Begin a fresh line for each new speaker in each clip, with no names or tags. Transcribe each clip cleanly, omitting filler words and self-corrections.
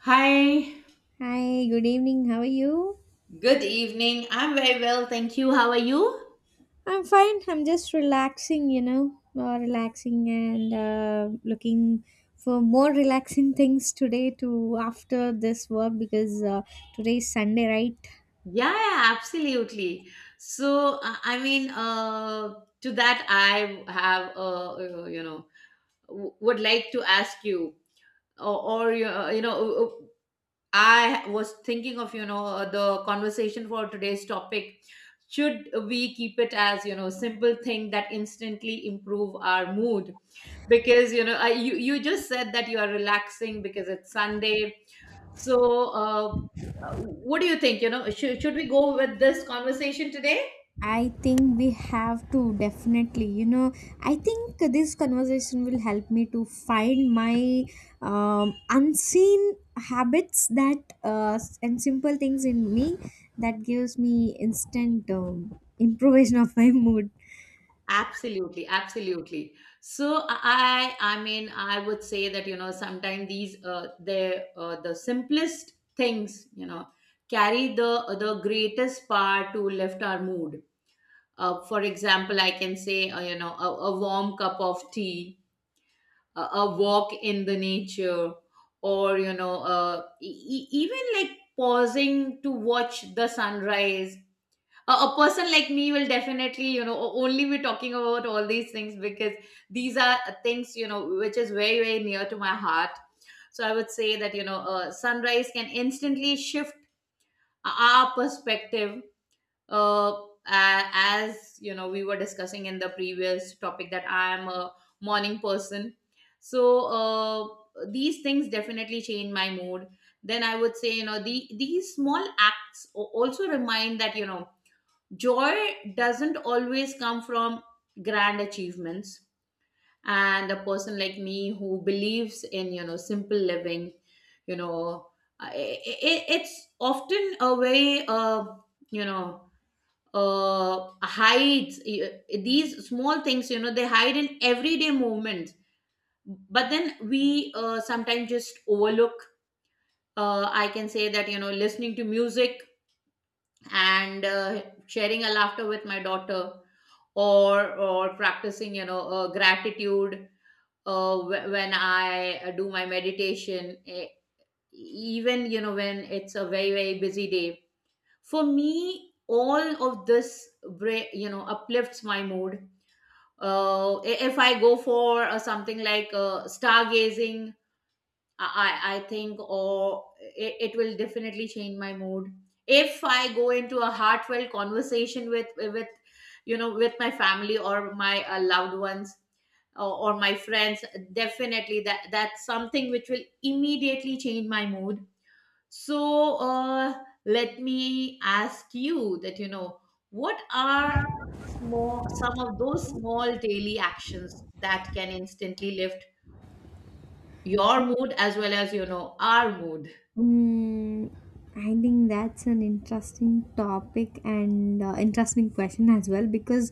Hi.
Hi, good evening. How are you?
Good evening. I'm very well, thank you. How are you?
I'm fine. I'm just relaxing, relaxing and looking for more relaxing things today to after this work because today is Sunday, right?
Yeah, yeah, absolutely. So, I mean, to that, I have, would like to ask you, or, or you, I was thinking of, the conversation for today's topic. Should we keep it as, simple thing that instantly improve our mood? Because, you, just said that you are relaxing because it's Sunday. So, what do you think? Should we go with this conversation today?
I think we have to definitely, I think this conversation will help me to find my unseen habits that and simple things in me that gives me instant improvisation of my mood.
Absolutely, absolutely. So I mean, I would say that sometimes these, the simplest things, carry the greatest power to lift our mood. For example, I can say, a warm cup of tea, a walk in the nature, or even like pausing to watch the sunrise. A person like me will definitely, only be talking about all these things, because these are things, which is very very near to my heart. So I would say that sunrise can instantly shift our perspective. Uh, a- as you know, we were discussing in the previous topic that I am a morning person. So, these things definitely change my mood. Then I would say, the these small acts also remind that, joy doesn't always come from grand achievements. And a person like me who believes in, simple living, you know uh, I I it's often a very, you know hides, these small things, they hide in everyday movements, but then we, sometimes just overlook. I can say that, listening to music, and, sharing a laughter with my daughter, or practicing, gratitude, when I, do my meditation. Even, when it's a very very busy day for me, all of this, uplifts my mood. If I go for, something like, stargazing, I think, or it will definitely change my mood. If I go into a heartfelt conversation with, with my family, or my, loved ones, or my friends, definitely that's something which will immediately change my mood. So, let me ask you that, what are, small some of those small daily actions that can instantly lift your mood, as well as, our mood?
Mm, I think that's an interesting topic and interesting question as well, because,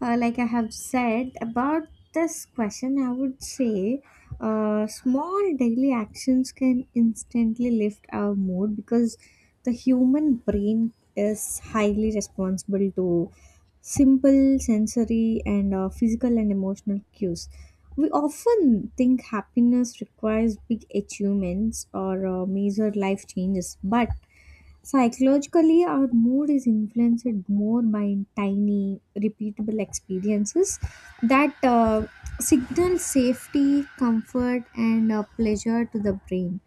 uh, like I have said about this question, I would say small daily actions can instantly lift our mood because the human brain is highly responsible to simple sensory and physical and emotional cues. We often think happiness requires big achievements or major life changes, but psychologically, our mood is influenced more by tiny, repeatable experiences that, signal safety, comfort, and pleasure to the brain.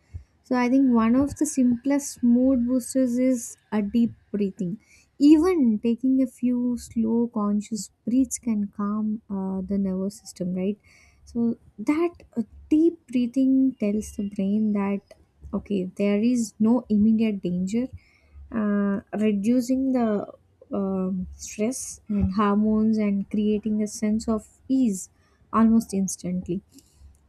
So, I think one of the simplest mood boosters is a deep breathing. Even taking a few slow, conscious breaths can calm, the nervous system, right? So, that uh, deep breathing tells the brain that okay, there is no immediate danger, reducing the stress and hormones and creating a sense of ease almost instantly.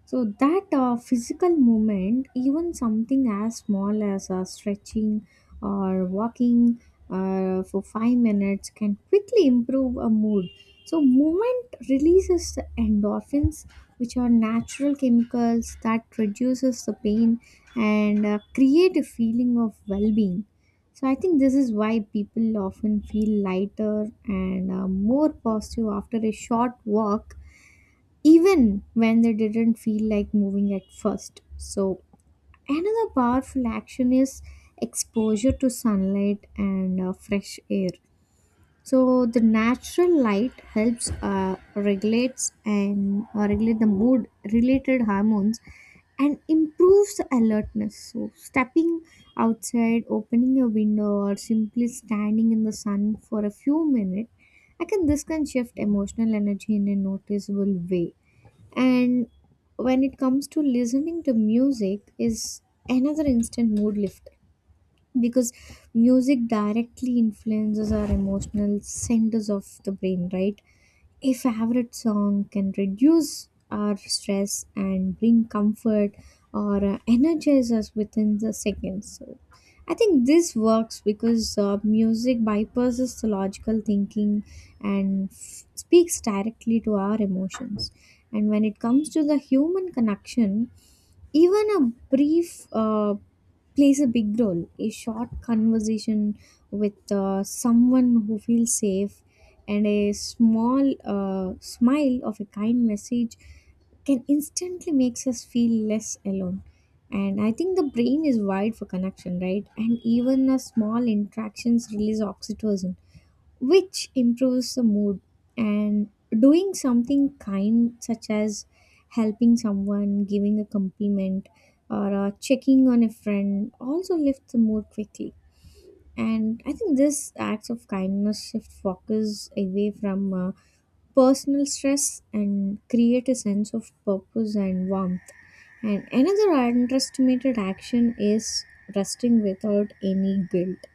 So that physical movement, even something as small as stretching or walking for 5 minutes, can quickly improve a mood. So movement releases the endorphins, which are natural chemicals that reduces the pain and create a feeling of well-being. So I think this is why people often feel lighter and more positive after a short walk even when they didn't feel like moving at first. So, another powerful action is exposure to sunlight and fresh air. So, the natural light helps, regulates and regulate the mood related hormones and improves the alertness. So, stepping outside, opening a window, or simply standing in the sun for a few minutes, I can this can shift emotional energy in a noticeable way. And when it comes to listening to music is another instant mood lifter, because music directly influences our emotional centers of the brain, right? A favorite song can reduce our stress and bring comfort or energize us within the seconds. So, I think this works because music bypasses the logical thinking and speaks directly to our emotions. And when it comes to the human connection, even a brief, plays a big role. A short conversation with, someone who feels safe, and a small, smile of a kind message can instantly makes us feel less alone. And I think the brain is wired for connection, right? And even a small interactions release oxytocin, which improves the mood. And doing something kind, such as helping someone, giving a compliment, or checking on a friend, also lifts the mood quickly. And I think this acts of kindness shift focus away from, personal stress, and create a sense of purpose and warmth. And another underestimated action is resting without any guilt.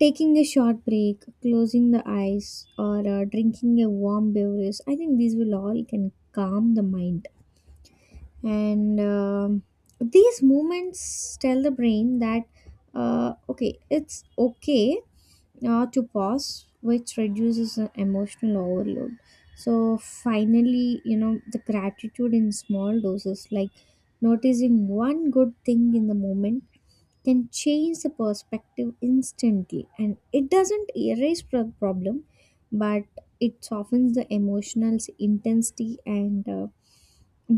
Taking a short break, closing the eyes, or drinking a warm beverage, I think these will all can calm the mind. And these movements tell the brain that, okay, it's okay, to pause, which reduces the emotional overload. So finally, the gratitude in small doses, like noticing one good thing in the moment, can change the perspective instantly, and it doesn't erase the problem, but it softens the emotional intensity and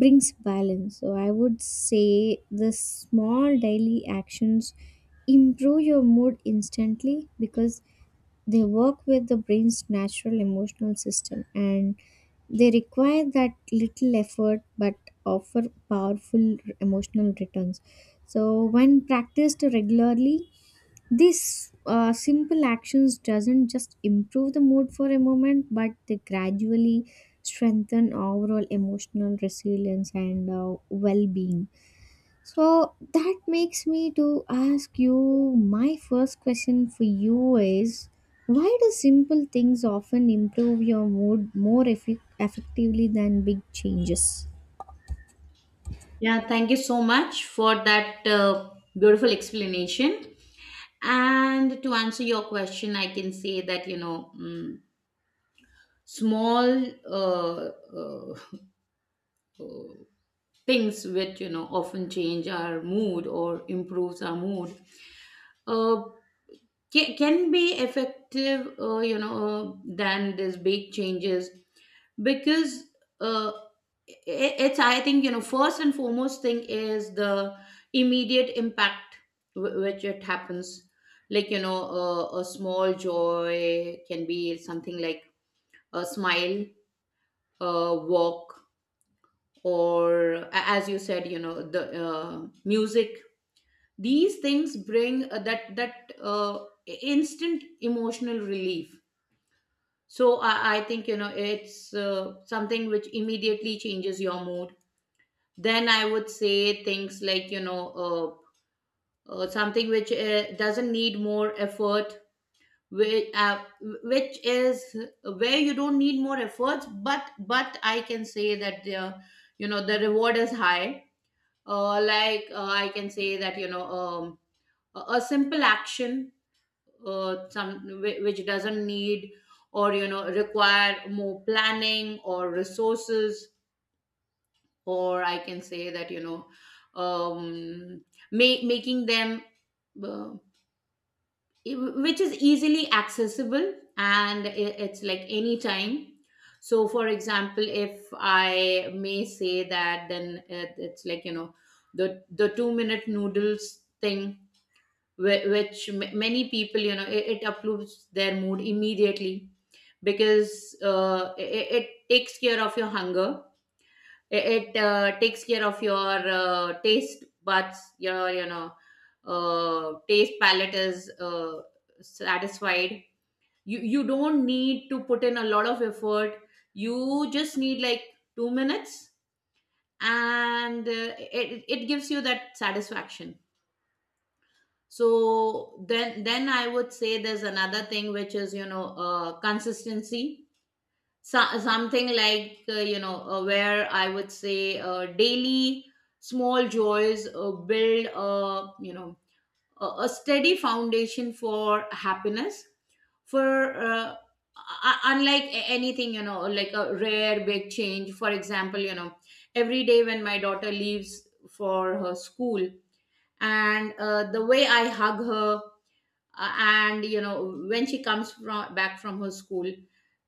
brings balance. So I would say the small daily actions improve your mood instantly because they work with the brain's natural emotional system, and they require that little effort but offer powerful emotional returns. So when practiced regularly, these simple actions doesn't just improve the mood for a moment, but they gradually strengthen overall emotional resilience and well-being. So that makes me to ask you. My first question for you is, why do simple things often improve your mood more effectively than big changes?
Yeah, thank you so much for that, beautiful explanation. And to answer your question, I can say that, small, uh, uh, uh, things which, often change our mood or improves our mood, uh, can be effective, than these big changes. Because, uh, it's, I think, first and foremost thing is the immediate impact, which it happens, like, a small joy can be something like a smile, a walk, or a- as you said, the, music. These things bring, that, instant emotional relief. So I think, it's, something which immediately changes your mood. Then I would say things like, something which, doesn't need more effort, which, which is where you don't need more efforts, but, I can say that, the reward is high. I can say that, a simple action, some, which doesn't need, or, require more planning or resources, or I can say that, um, making them, uh, which is easily accessible, and, it's like any time. So for example, if I may say that, then, it's like, the 2-minute noodles thing, many people, it uplifts their mood immediately, because, it takes care of your hunger, it, takes care of your, taste buds, your, taste palate is, satisfied. You don't need to put in a lot of effort. You just need like 2 minutes, and, it gives you that satisfaction. So, then I would say there's another thing, which is, consistency. So, something like, where I would say, daily small joys, build a, a steady foundation for happiness, for, unlike, anything, like a rare big change. For example, every day when my daughter leaves for her school, and, the way I hug her, and, when she comes from back from her school,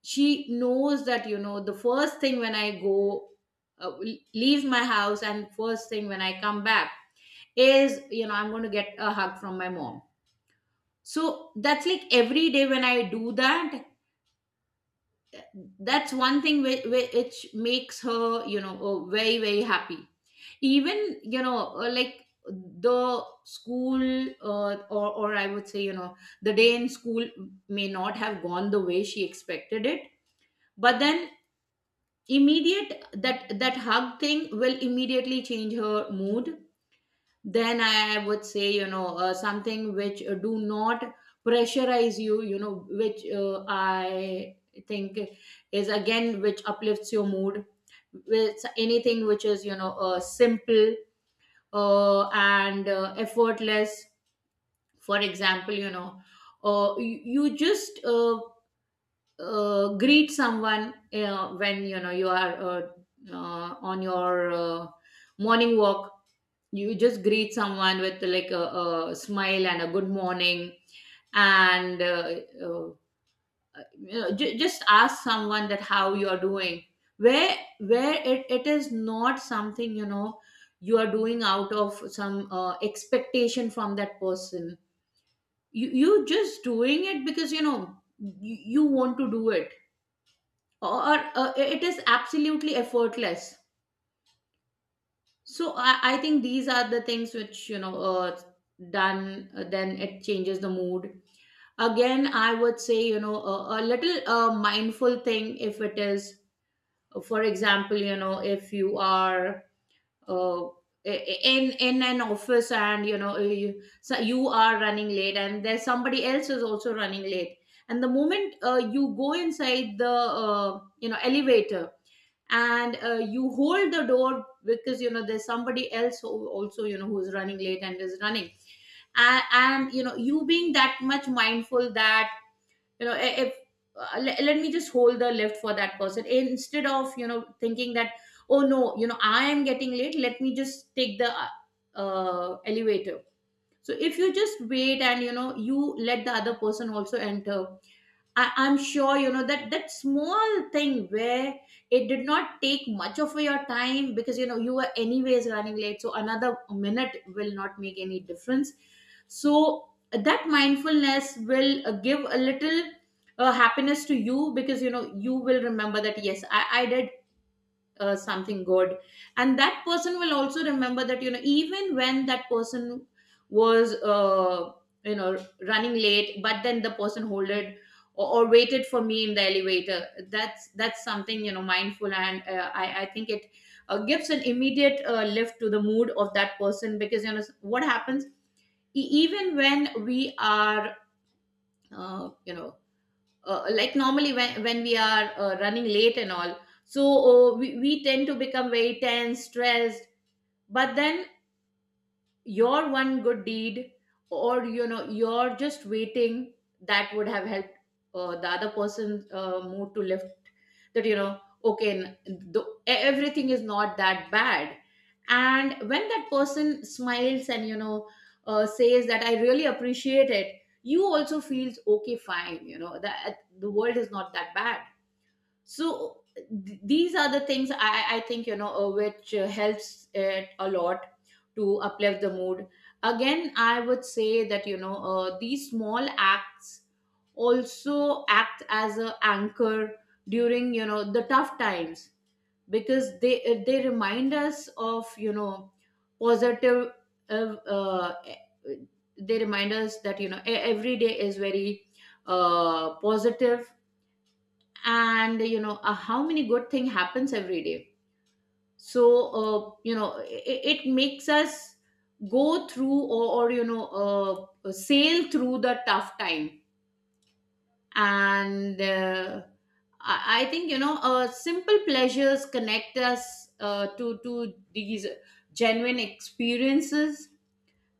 she knows that, the first thing when I go, uh, leave my house, and first thing when I come back, is, I'm going to get a hug from my mom. So that's like, every day when I do that, that's one thing, which makes her, very very happy. Even, like the school, or I would say, the day in school may not have gone the way she expected it, but then, immediate, that hug thing will immediately change her mood. Then I would say, something which, do not pressurize you, you know which I think, is again which uplifts your mood, with anything which is, simple, and, effortless. For example, you just, greet someone, when, you are, on your, morning walk. You just greet someone with like a smile and a good morning. And, uh, just ask someone that how you are doing, where, it is not something, you are doing out of some, expectation from that person. You just doing it because, you want to do it, or, it is absolutely effortless. So I think these are the things which, done, then it changes the mood. Again, I would say, a little, mindful thing. If it is, for example, if you are, in an office, and, so you are running late, and there's somebody else is also running late, and the moment, you go inside the, elevator, and, you hold the door, because, there's somebody else who also, who's running late and is running, and, you being that much mindful that, if, let me just hold the lift for that person, instead of, thinking that, oh no, I am getting late, let me just take the, elevator. So if you just wait, and, you let the other person also enter. I'm sure, that that small thing, where it did not take much of your time, because, you were anyways running late, so another minute will not make any difference. So that mindfulness will, give a little, happiness to you, because, you will remember that, yes, I did, something good. And that person will also remember that, even when that person was, you know running late, but then the person holded, or waited for me in the elevator. That's something, mindful, and, I think it, gives an immediate, lift to the mood of that person. Because, what happens, even when we are, uh, you know like normally, when we are, running late and all. So, we tend to become very tense, stressed, but then, your one good deed, or, you're just waiting, that would have helped, the other person's, mood to lift, that, okay, everything is not that bad. And when that person smiles and, says that I really appreciate it, you also feels, okay, fine, that the world is not that bad. So, these are the things, I think, which, helps it a lot to uplift the mood. Again, I would say that, these small acts also act as a anchor during, the tough times, because they, they remind us of, positive, uh, uh, e, they remind us that, every day is very, positive, and How many good thing happens every day. So you know it makes us go through or you know sail through the tough time. And I think you know simple pleasures connect us to these genuine experiences,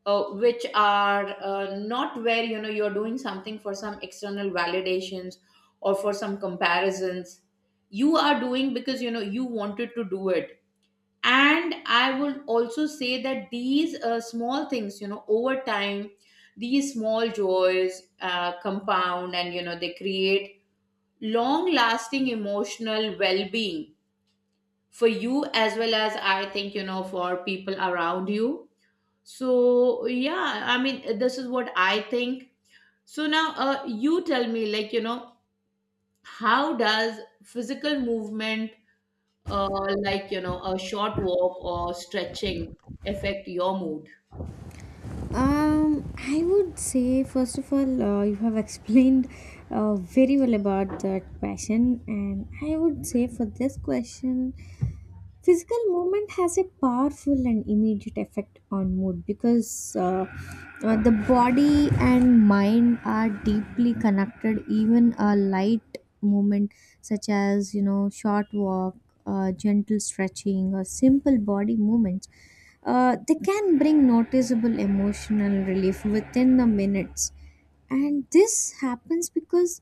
which are not where you know you're doing something for some external validations or for some comparisons. You are doing because you know you wanted to do it. And I would also say that these small things, you know, over time these small joys compound, and you know they create long lasting emotional well being for you as well as I think you know for people around you. So yeah, I mean, this is what I think. So now, you tell me, like you know, how does physical movement, like you know, a short walk or stretching, affect your mood?
I would say first of all, you have explained, very well about that passion, and I would say for this question, physical movement has a powerful and immediate effect on mood, because the body and mind are deeply connected. Even a light movement, such as short walk, gentle stretching, or simple body movements, they can bring noticeable emotional relief within the minutes. And this happens because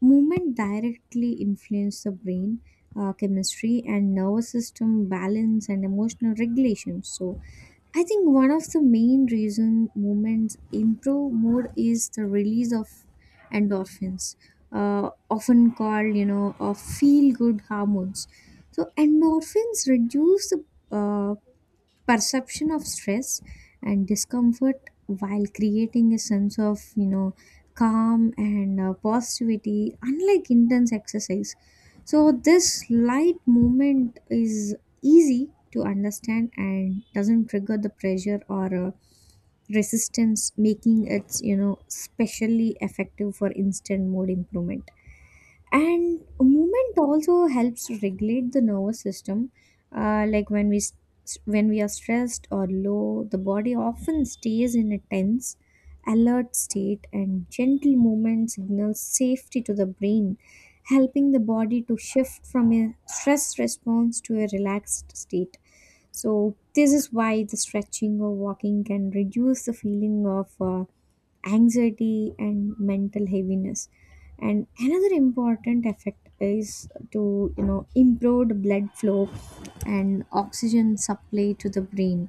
movement directly influences the brain, chemistry and nervous system balance and emotional regulation. So I think one of the main reason movements improve mood is the release of endorphins, often called, feel good hormones. So endorphins reduce the, uh, perception of stress and discomfort, while creating a sense of calm and positivity, unlike intense exercise. So this light movement is easy to understand and doesn't trigger the pressure or resistance, making it specially effective for instant mood improvement. And movement also helps regulate the nervous system. Like when we when we are stressed or low, the body often stays in a tense alert state, and gentle movement signals safety to the brain, helping the body to shift from a stress response to a relaxed state. So this is why the stretching or walking can reduce the feeling of, anxiety and mental heaviness. And another important effect is to improved blood flow and oxygen supply to the brain.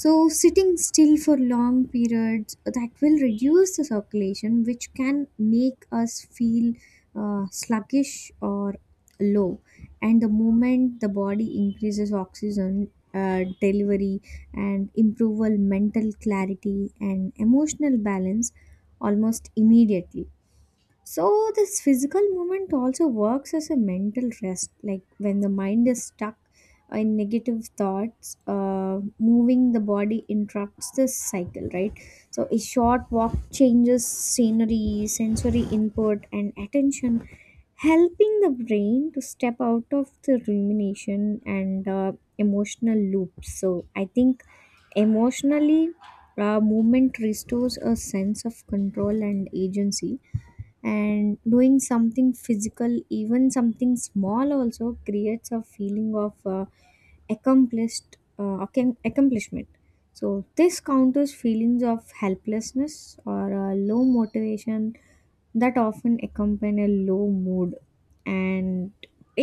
So sitting still for long periods, that will reduce the circulation, which can make us feel, sluggish or low. And the moment the body increases oxygen, delivery and improve mental clarity and emotional balance almost immediately. So, this physical movement also works as a mental rest. Like when the mind is stuck in negative thoughts, moving the body interrupts this cycle, right? So, a short walk changes scenery, sensory input, and attention, helping the brain to step out of the rumination and emotional loops. So, I think emotionally, movement restores a sense of control and agency. And doing something physical, even something small, also creates a feeling of accomplishment. So this counters feelings of helplessness or low motivation that often accompany a low mood. And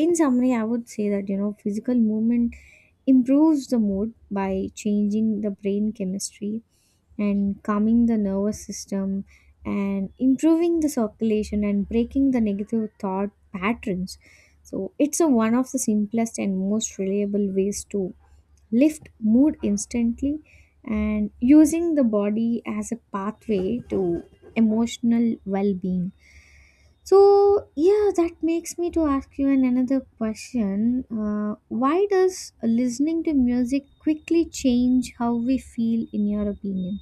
in summary, I would say that physical movement improves the mood by changing the brain chemistry and calming the nervous system and improving the circulation and breaking the negative thought patterns. So it's a one of the simplest and most reliable ways to lift mood instantly and using the body as a pathway to emotional well-being. So yeah, that makes me to ask you an another question. Why does listening to music quickly change how we feel, in your opinion?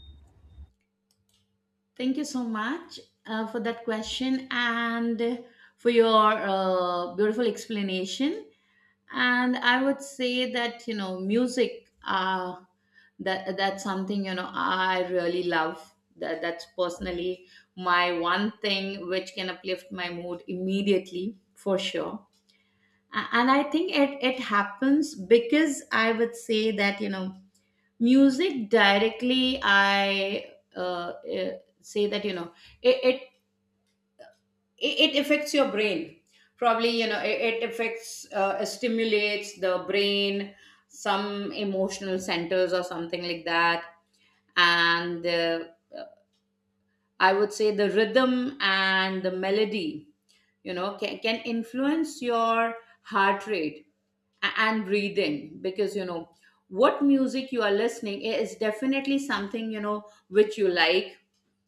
Thank you so much for that question and for your beautiful explanation. And I would say that you know, music. That's something, you know, I really love. That's personally my one thing which can uplift my mood immediately for sure. And I think it happens because I would say that you know music directly I uh, uh, say that you know, it, it it affects your brain. Probably you know it affects, stimulates the brain, some emotional centers or something like that. And I would say the rhythm and the melody, you know, can influence your heart rate and breathing, because you know what music you are listening is definitely something you know which you like,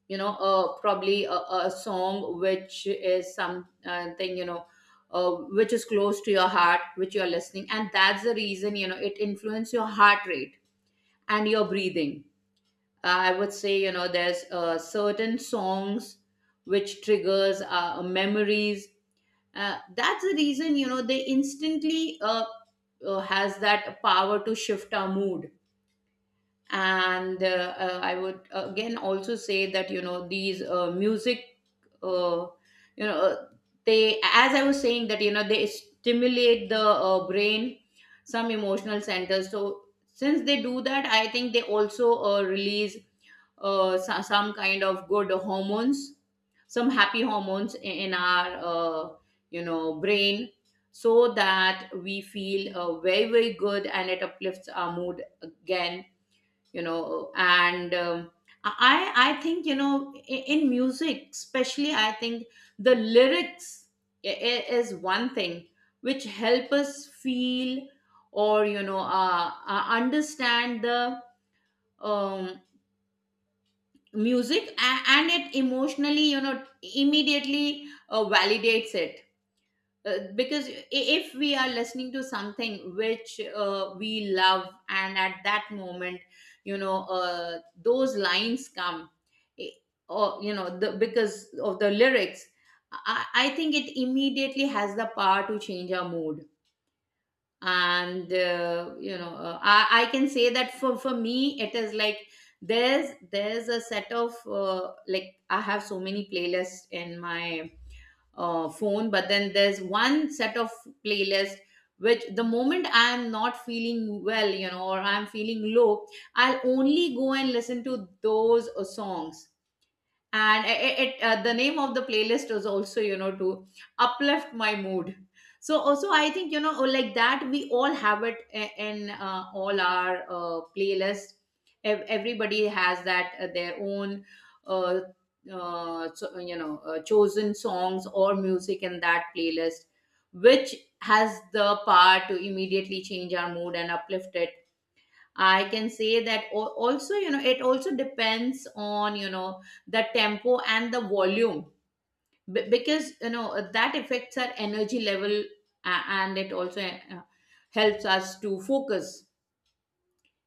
you know, probably a song which is some thing, you know, which is close to your heart, which you are listening, and that's the reason, you know, it influences your heart rate and your breathing. I would say you know there's certain songs which triggers memories. That's the reason you know they instantly has that power to shift our mood. And I would again also say that you know these music, uh, you know, they, as I was saying that you know, they stimulate the brain, some emotional centers. So since they do that, I think they also release some kind of good hormones, some happy hormones in our, you know, brain, so that we feel very very good, and it uplifts our mood again, you know. And i I think you know in music especially I think the lyrics is one thing which help us feel or you know understand the um, music, and it emotionally, you know, immediately validates it. Because if we are listening to something which we love, and at that moment, you know, those lines come, eh, or you know the, because of the lyrics, I think it immediately has the power to change our mood. And you know, I can say that for me it is like there's a set of, like I have so many playlists in my phone, but then there's one set of playlist which, the moment I'm not feeling well, you know, or I'm feeling low, I'll only go and listen to those songs. And the name of the playlist was also, you know, to uplift my mood. So also I think you know, like that we all have it in all our playlists. Everybody has that their own uh, you know, chosen songs or music in that playlist which has the power to immediately change our mood and uplift it. I can say that also, you know, it also depends on, you know, the tempo and the volume. Because, you know, that affects our energy level and it also helps us to focus.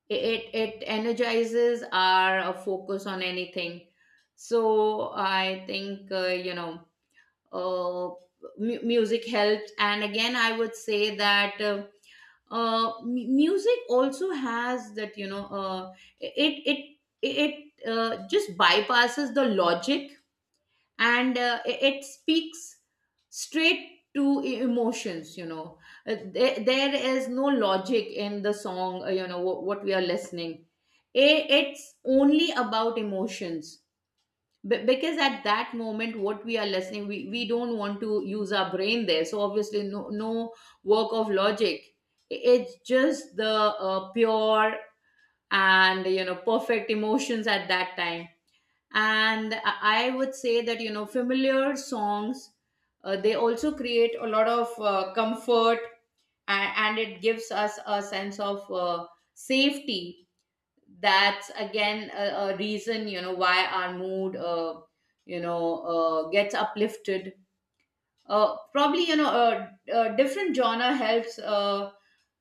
It, it, energizes our focus on anything. So I think, you know, uh, music helps. And again, I would say that. Music also has that, you know, it it it just bypasses the logic, and it speaks straight to emotions, you know. There is no logic in the song, you know, what we are listening. It's only about emotions. Because at that moment, what we are listening, we don't want to use our brain there, so obviously no work of logic. It's just the pure and you know perfect emotions at that time. And I would say that you know familiar songs, they also create a lot of comfort, and it gives us a sense of safety. That's again a reason, you know, why our mood, you know, gets uplifted. Probably, you know, a different genre helps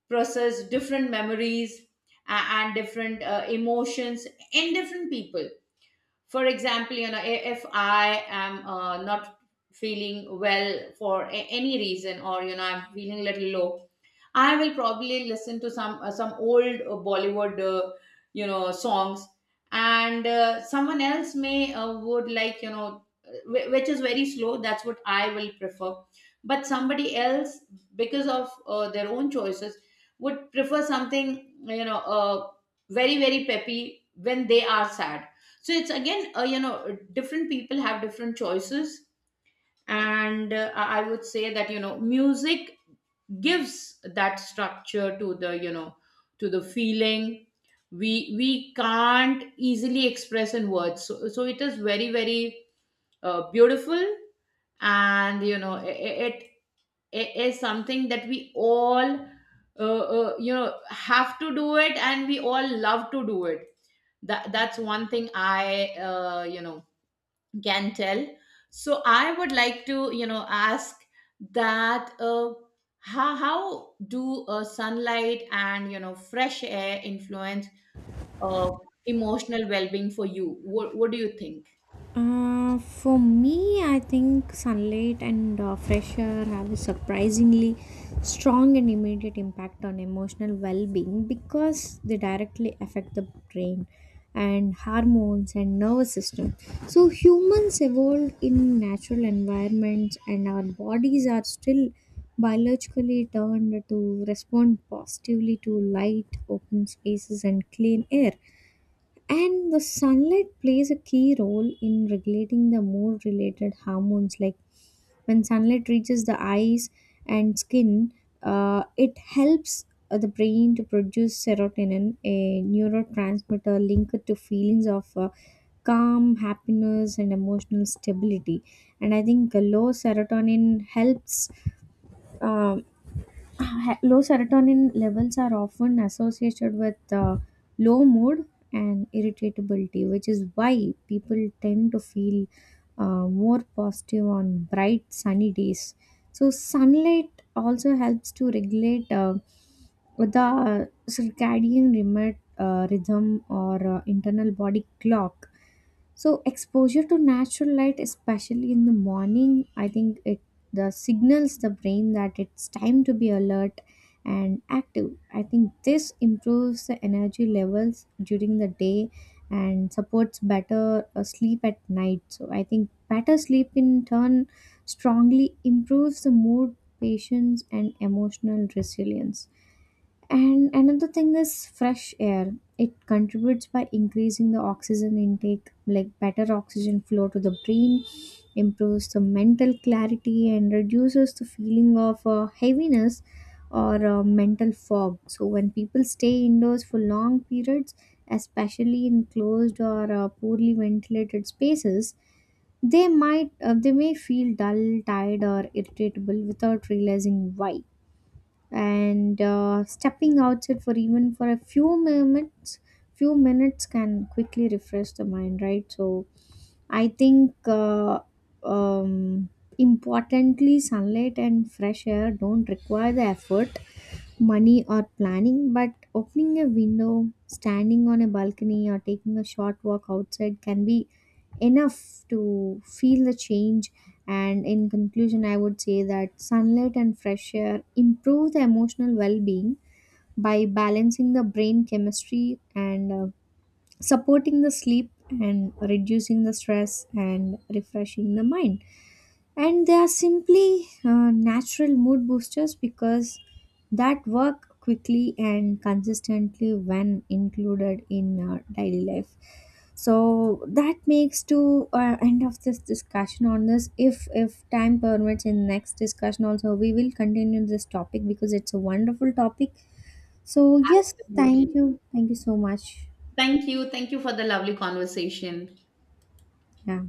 process different memories and different emotions in different people. For example, you know, if I am not feeling well for any reason, or you know I'm feeling a little low, I will probably listen to some old Bollywood, you know, songs, and someone else may would like, you know, which is very slow. That's what I will prefer. But somebody else, because of their own choices, would prefer something, you know, very very peppy when they are sad. So it's again, you know, different people have different choices. And I would say that you know music gives that structure to the, you know, to the feeling we can't easily express in words. So, so it is very very beautiful, and you know it, it is something that we all uh, you know have to do it, and we all love to do it. That's one thing I, you know, can tell. So I would like to, you know, ask that how do sunlight and you know fresh air influence uh, emotional well-being for you? What do you think?
For me, I think sunlight and fresh air have a surprisingly strong and immediate impact on emotional well being, because they directly affect the brain and hormones and nervous system. So, humans evolved in natural environments, and our bodies are still biologically turned to respond positively to light, open spaces, and clean air. And the sunlight plays a key role in regulating the mood related hormones. Like when sunlight reaches the eyes and skin, it helps, the brain to produce serotonin, a neurotransmitter linked to feelings of, calm, happiness, and emotional stability. And I think um low serotonin levels are often associated with, low mood and irritability, which is why people tend to feel, more positive on bright, sunny days. So, sunlight also helps to regulate, the circadian remote, rhythm or internal body clock. So exposure to natural light, especially in the morning, I think it the signals the brain that it's time to be alert and active. I think this improves the energy levels during the day and supports better, sleep at night. So I think better sleep in turn strongly improves the mood, patience, and emotional resilience. And another thing is fresh air. It contributes by increasing the oxygen intake, like better oxygen flow to the brain, improves the mental clarity, and reduces the feeling of, heaviness or mental fog. So, when people stay indoors for long periods, especially in closed or poorly ventilated spaces, they may feel dull, tired, or irritable without realizing why. And stepping outside for even for a few moments, few minutes can quickly refresh the mind, right? So I think, um, importantly, sunlight and fresh air don't require the effort, money or planning, but opening a window, standing on a balcony, or taking a short walk outside can be enough to feel the change. And in conclusion, I would say that sunlight and fresh air improve the emotional well being by balancing the brain chemistry and supporting the sleep and reducing the stress and refreshing the mind. And they are simply, natural mood boosters, because that work quickly and consistently when included in, daily life. So that makes to, end of this discussion on this. If time permits, in next discussion also we will continue this topic, because it's a wonderful topic. So yes, thank
Absolutely.
you, thank you so much.
Thank you, thank you for the lovely conversation.
Yeah.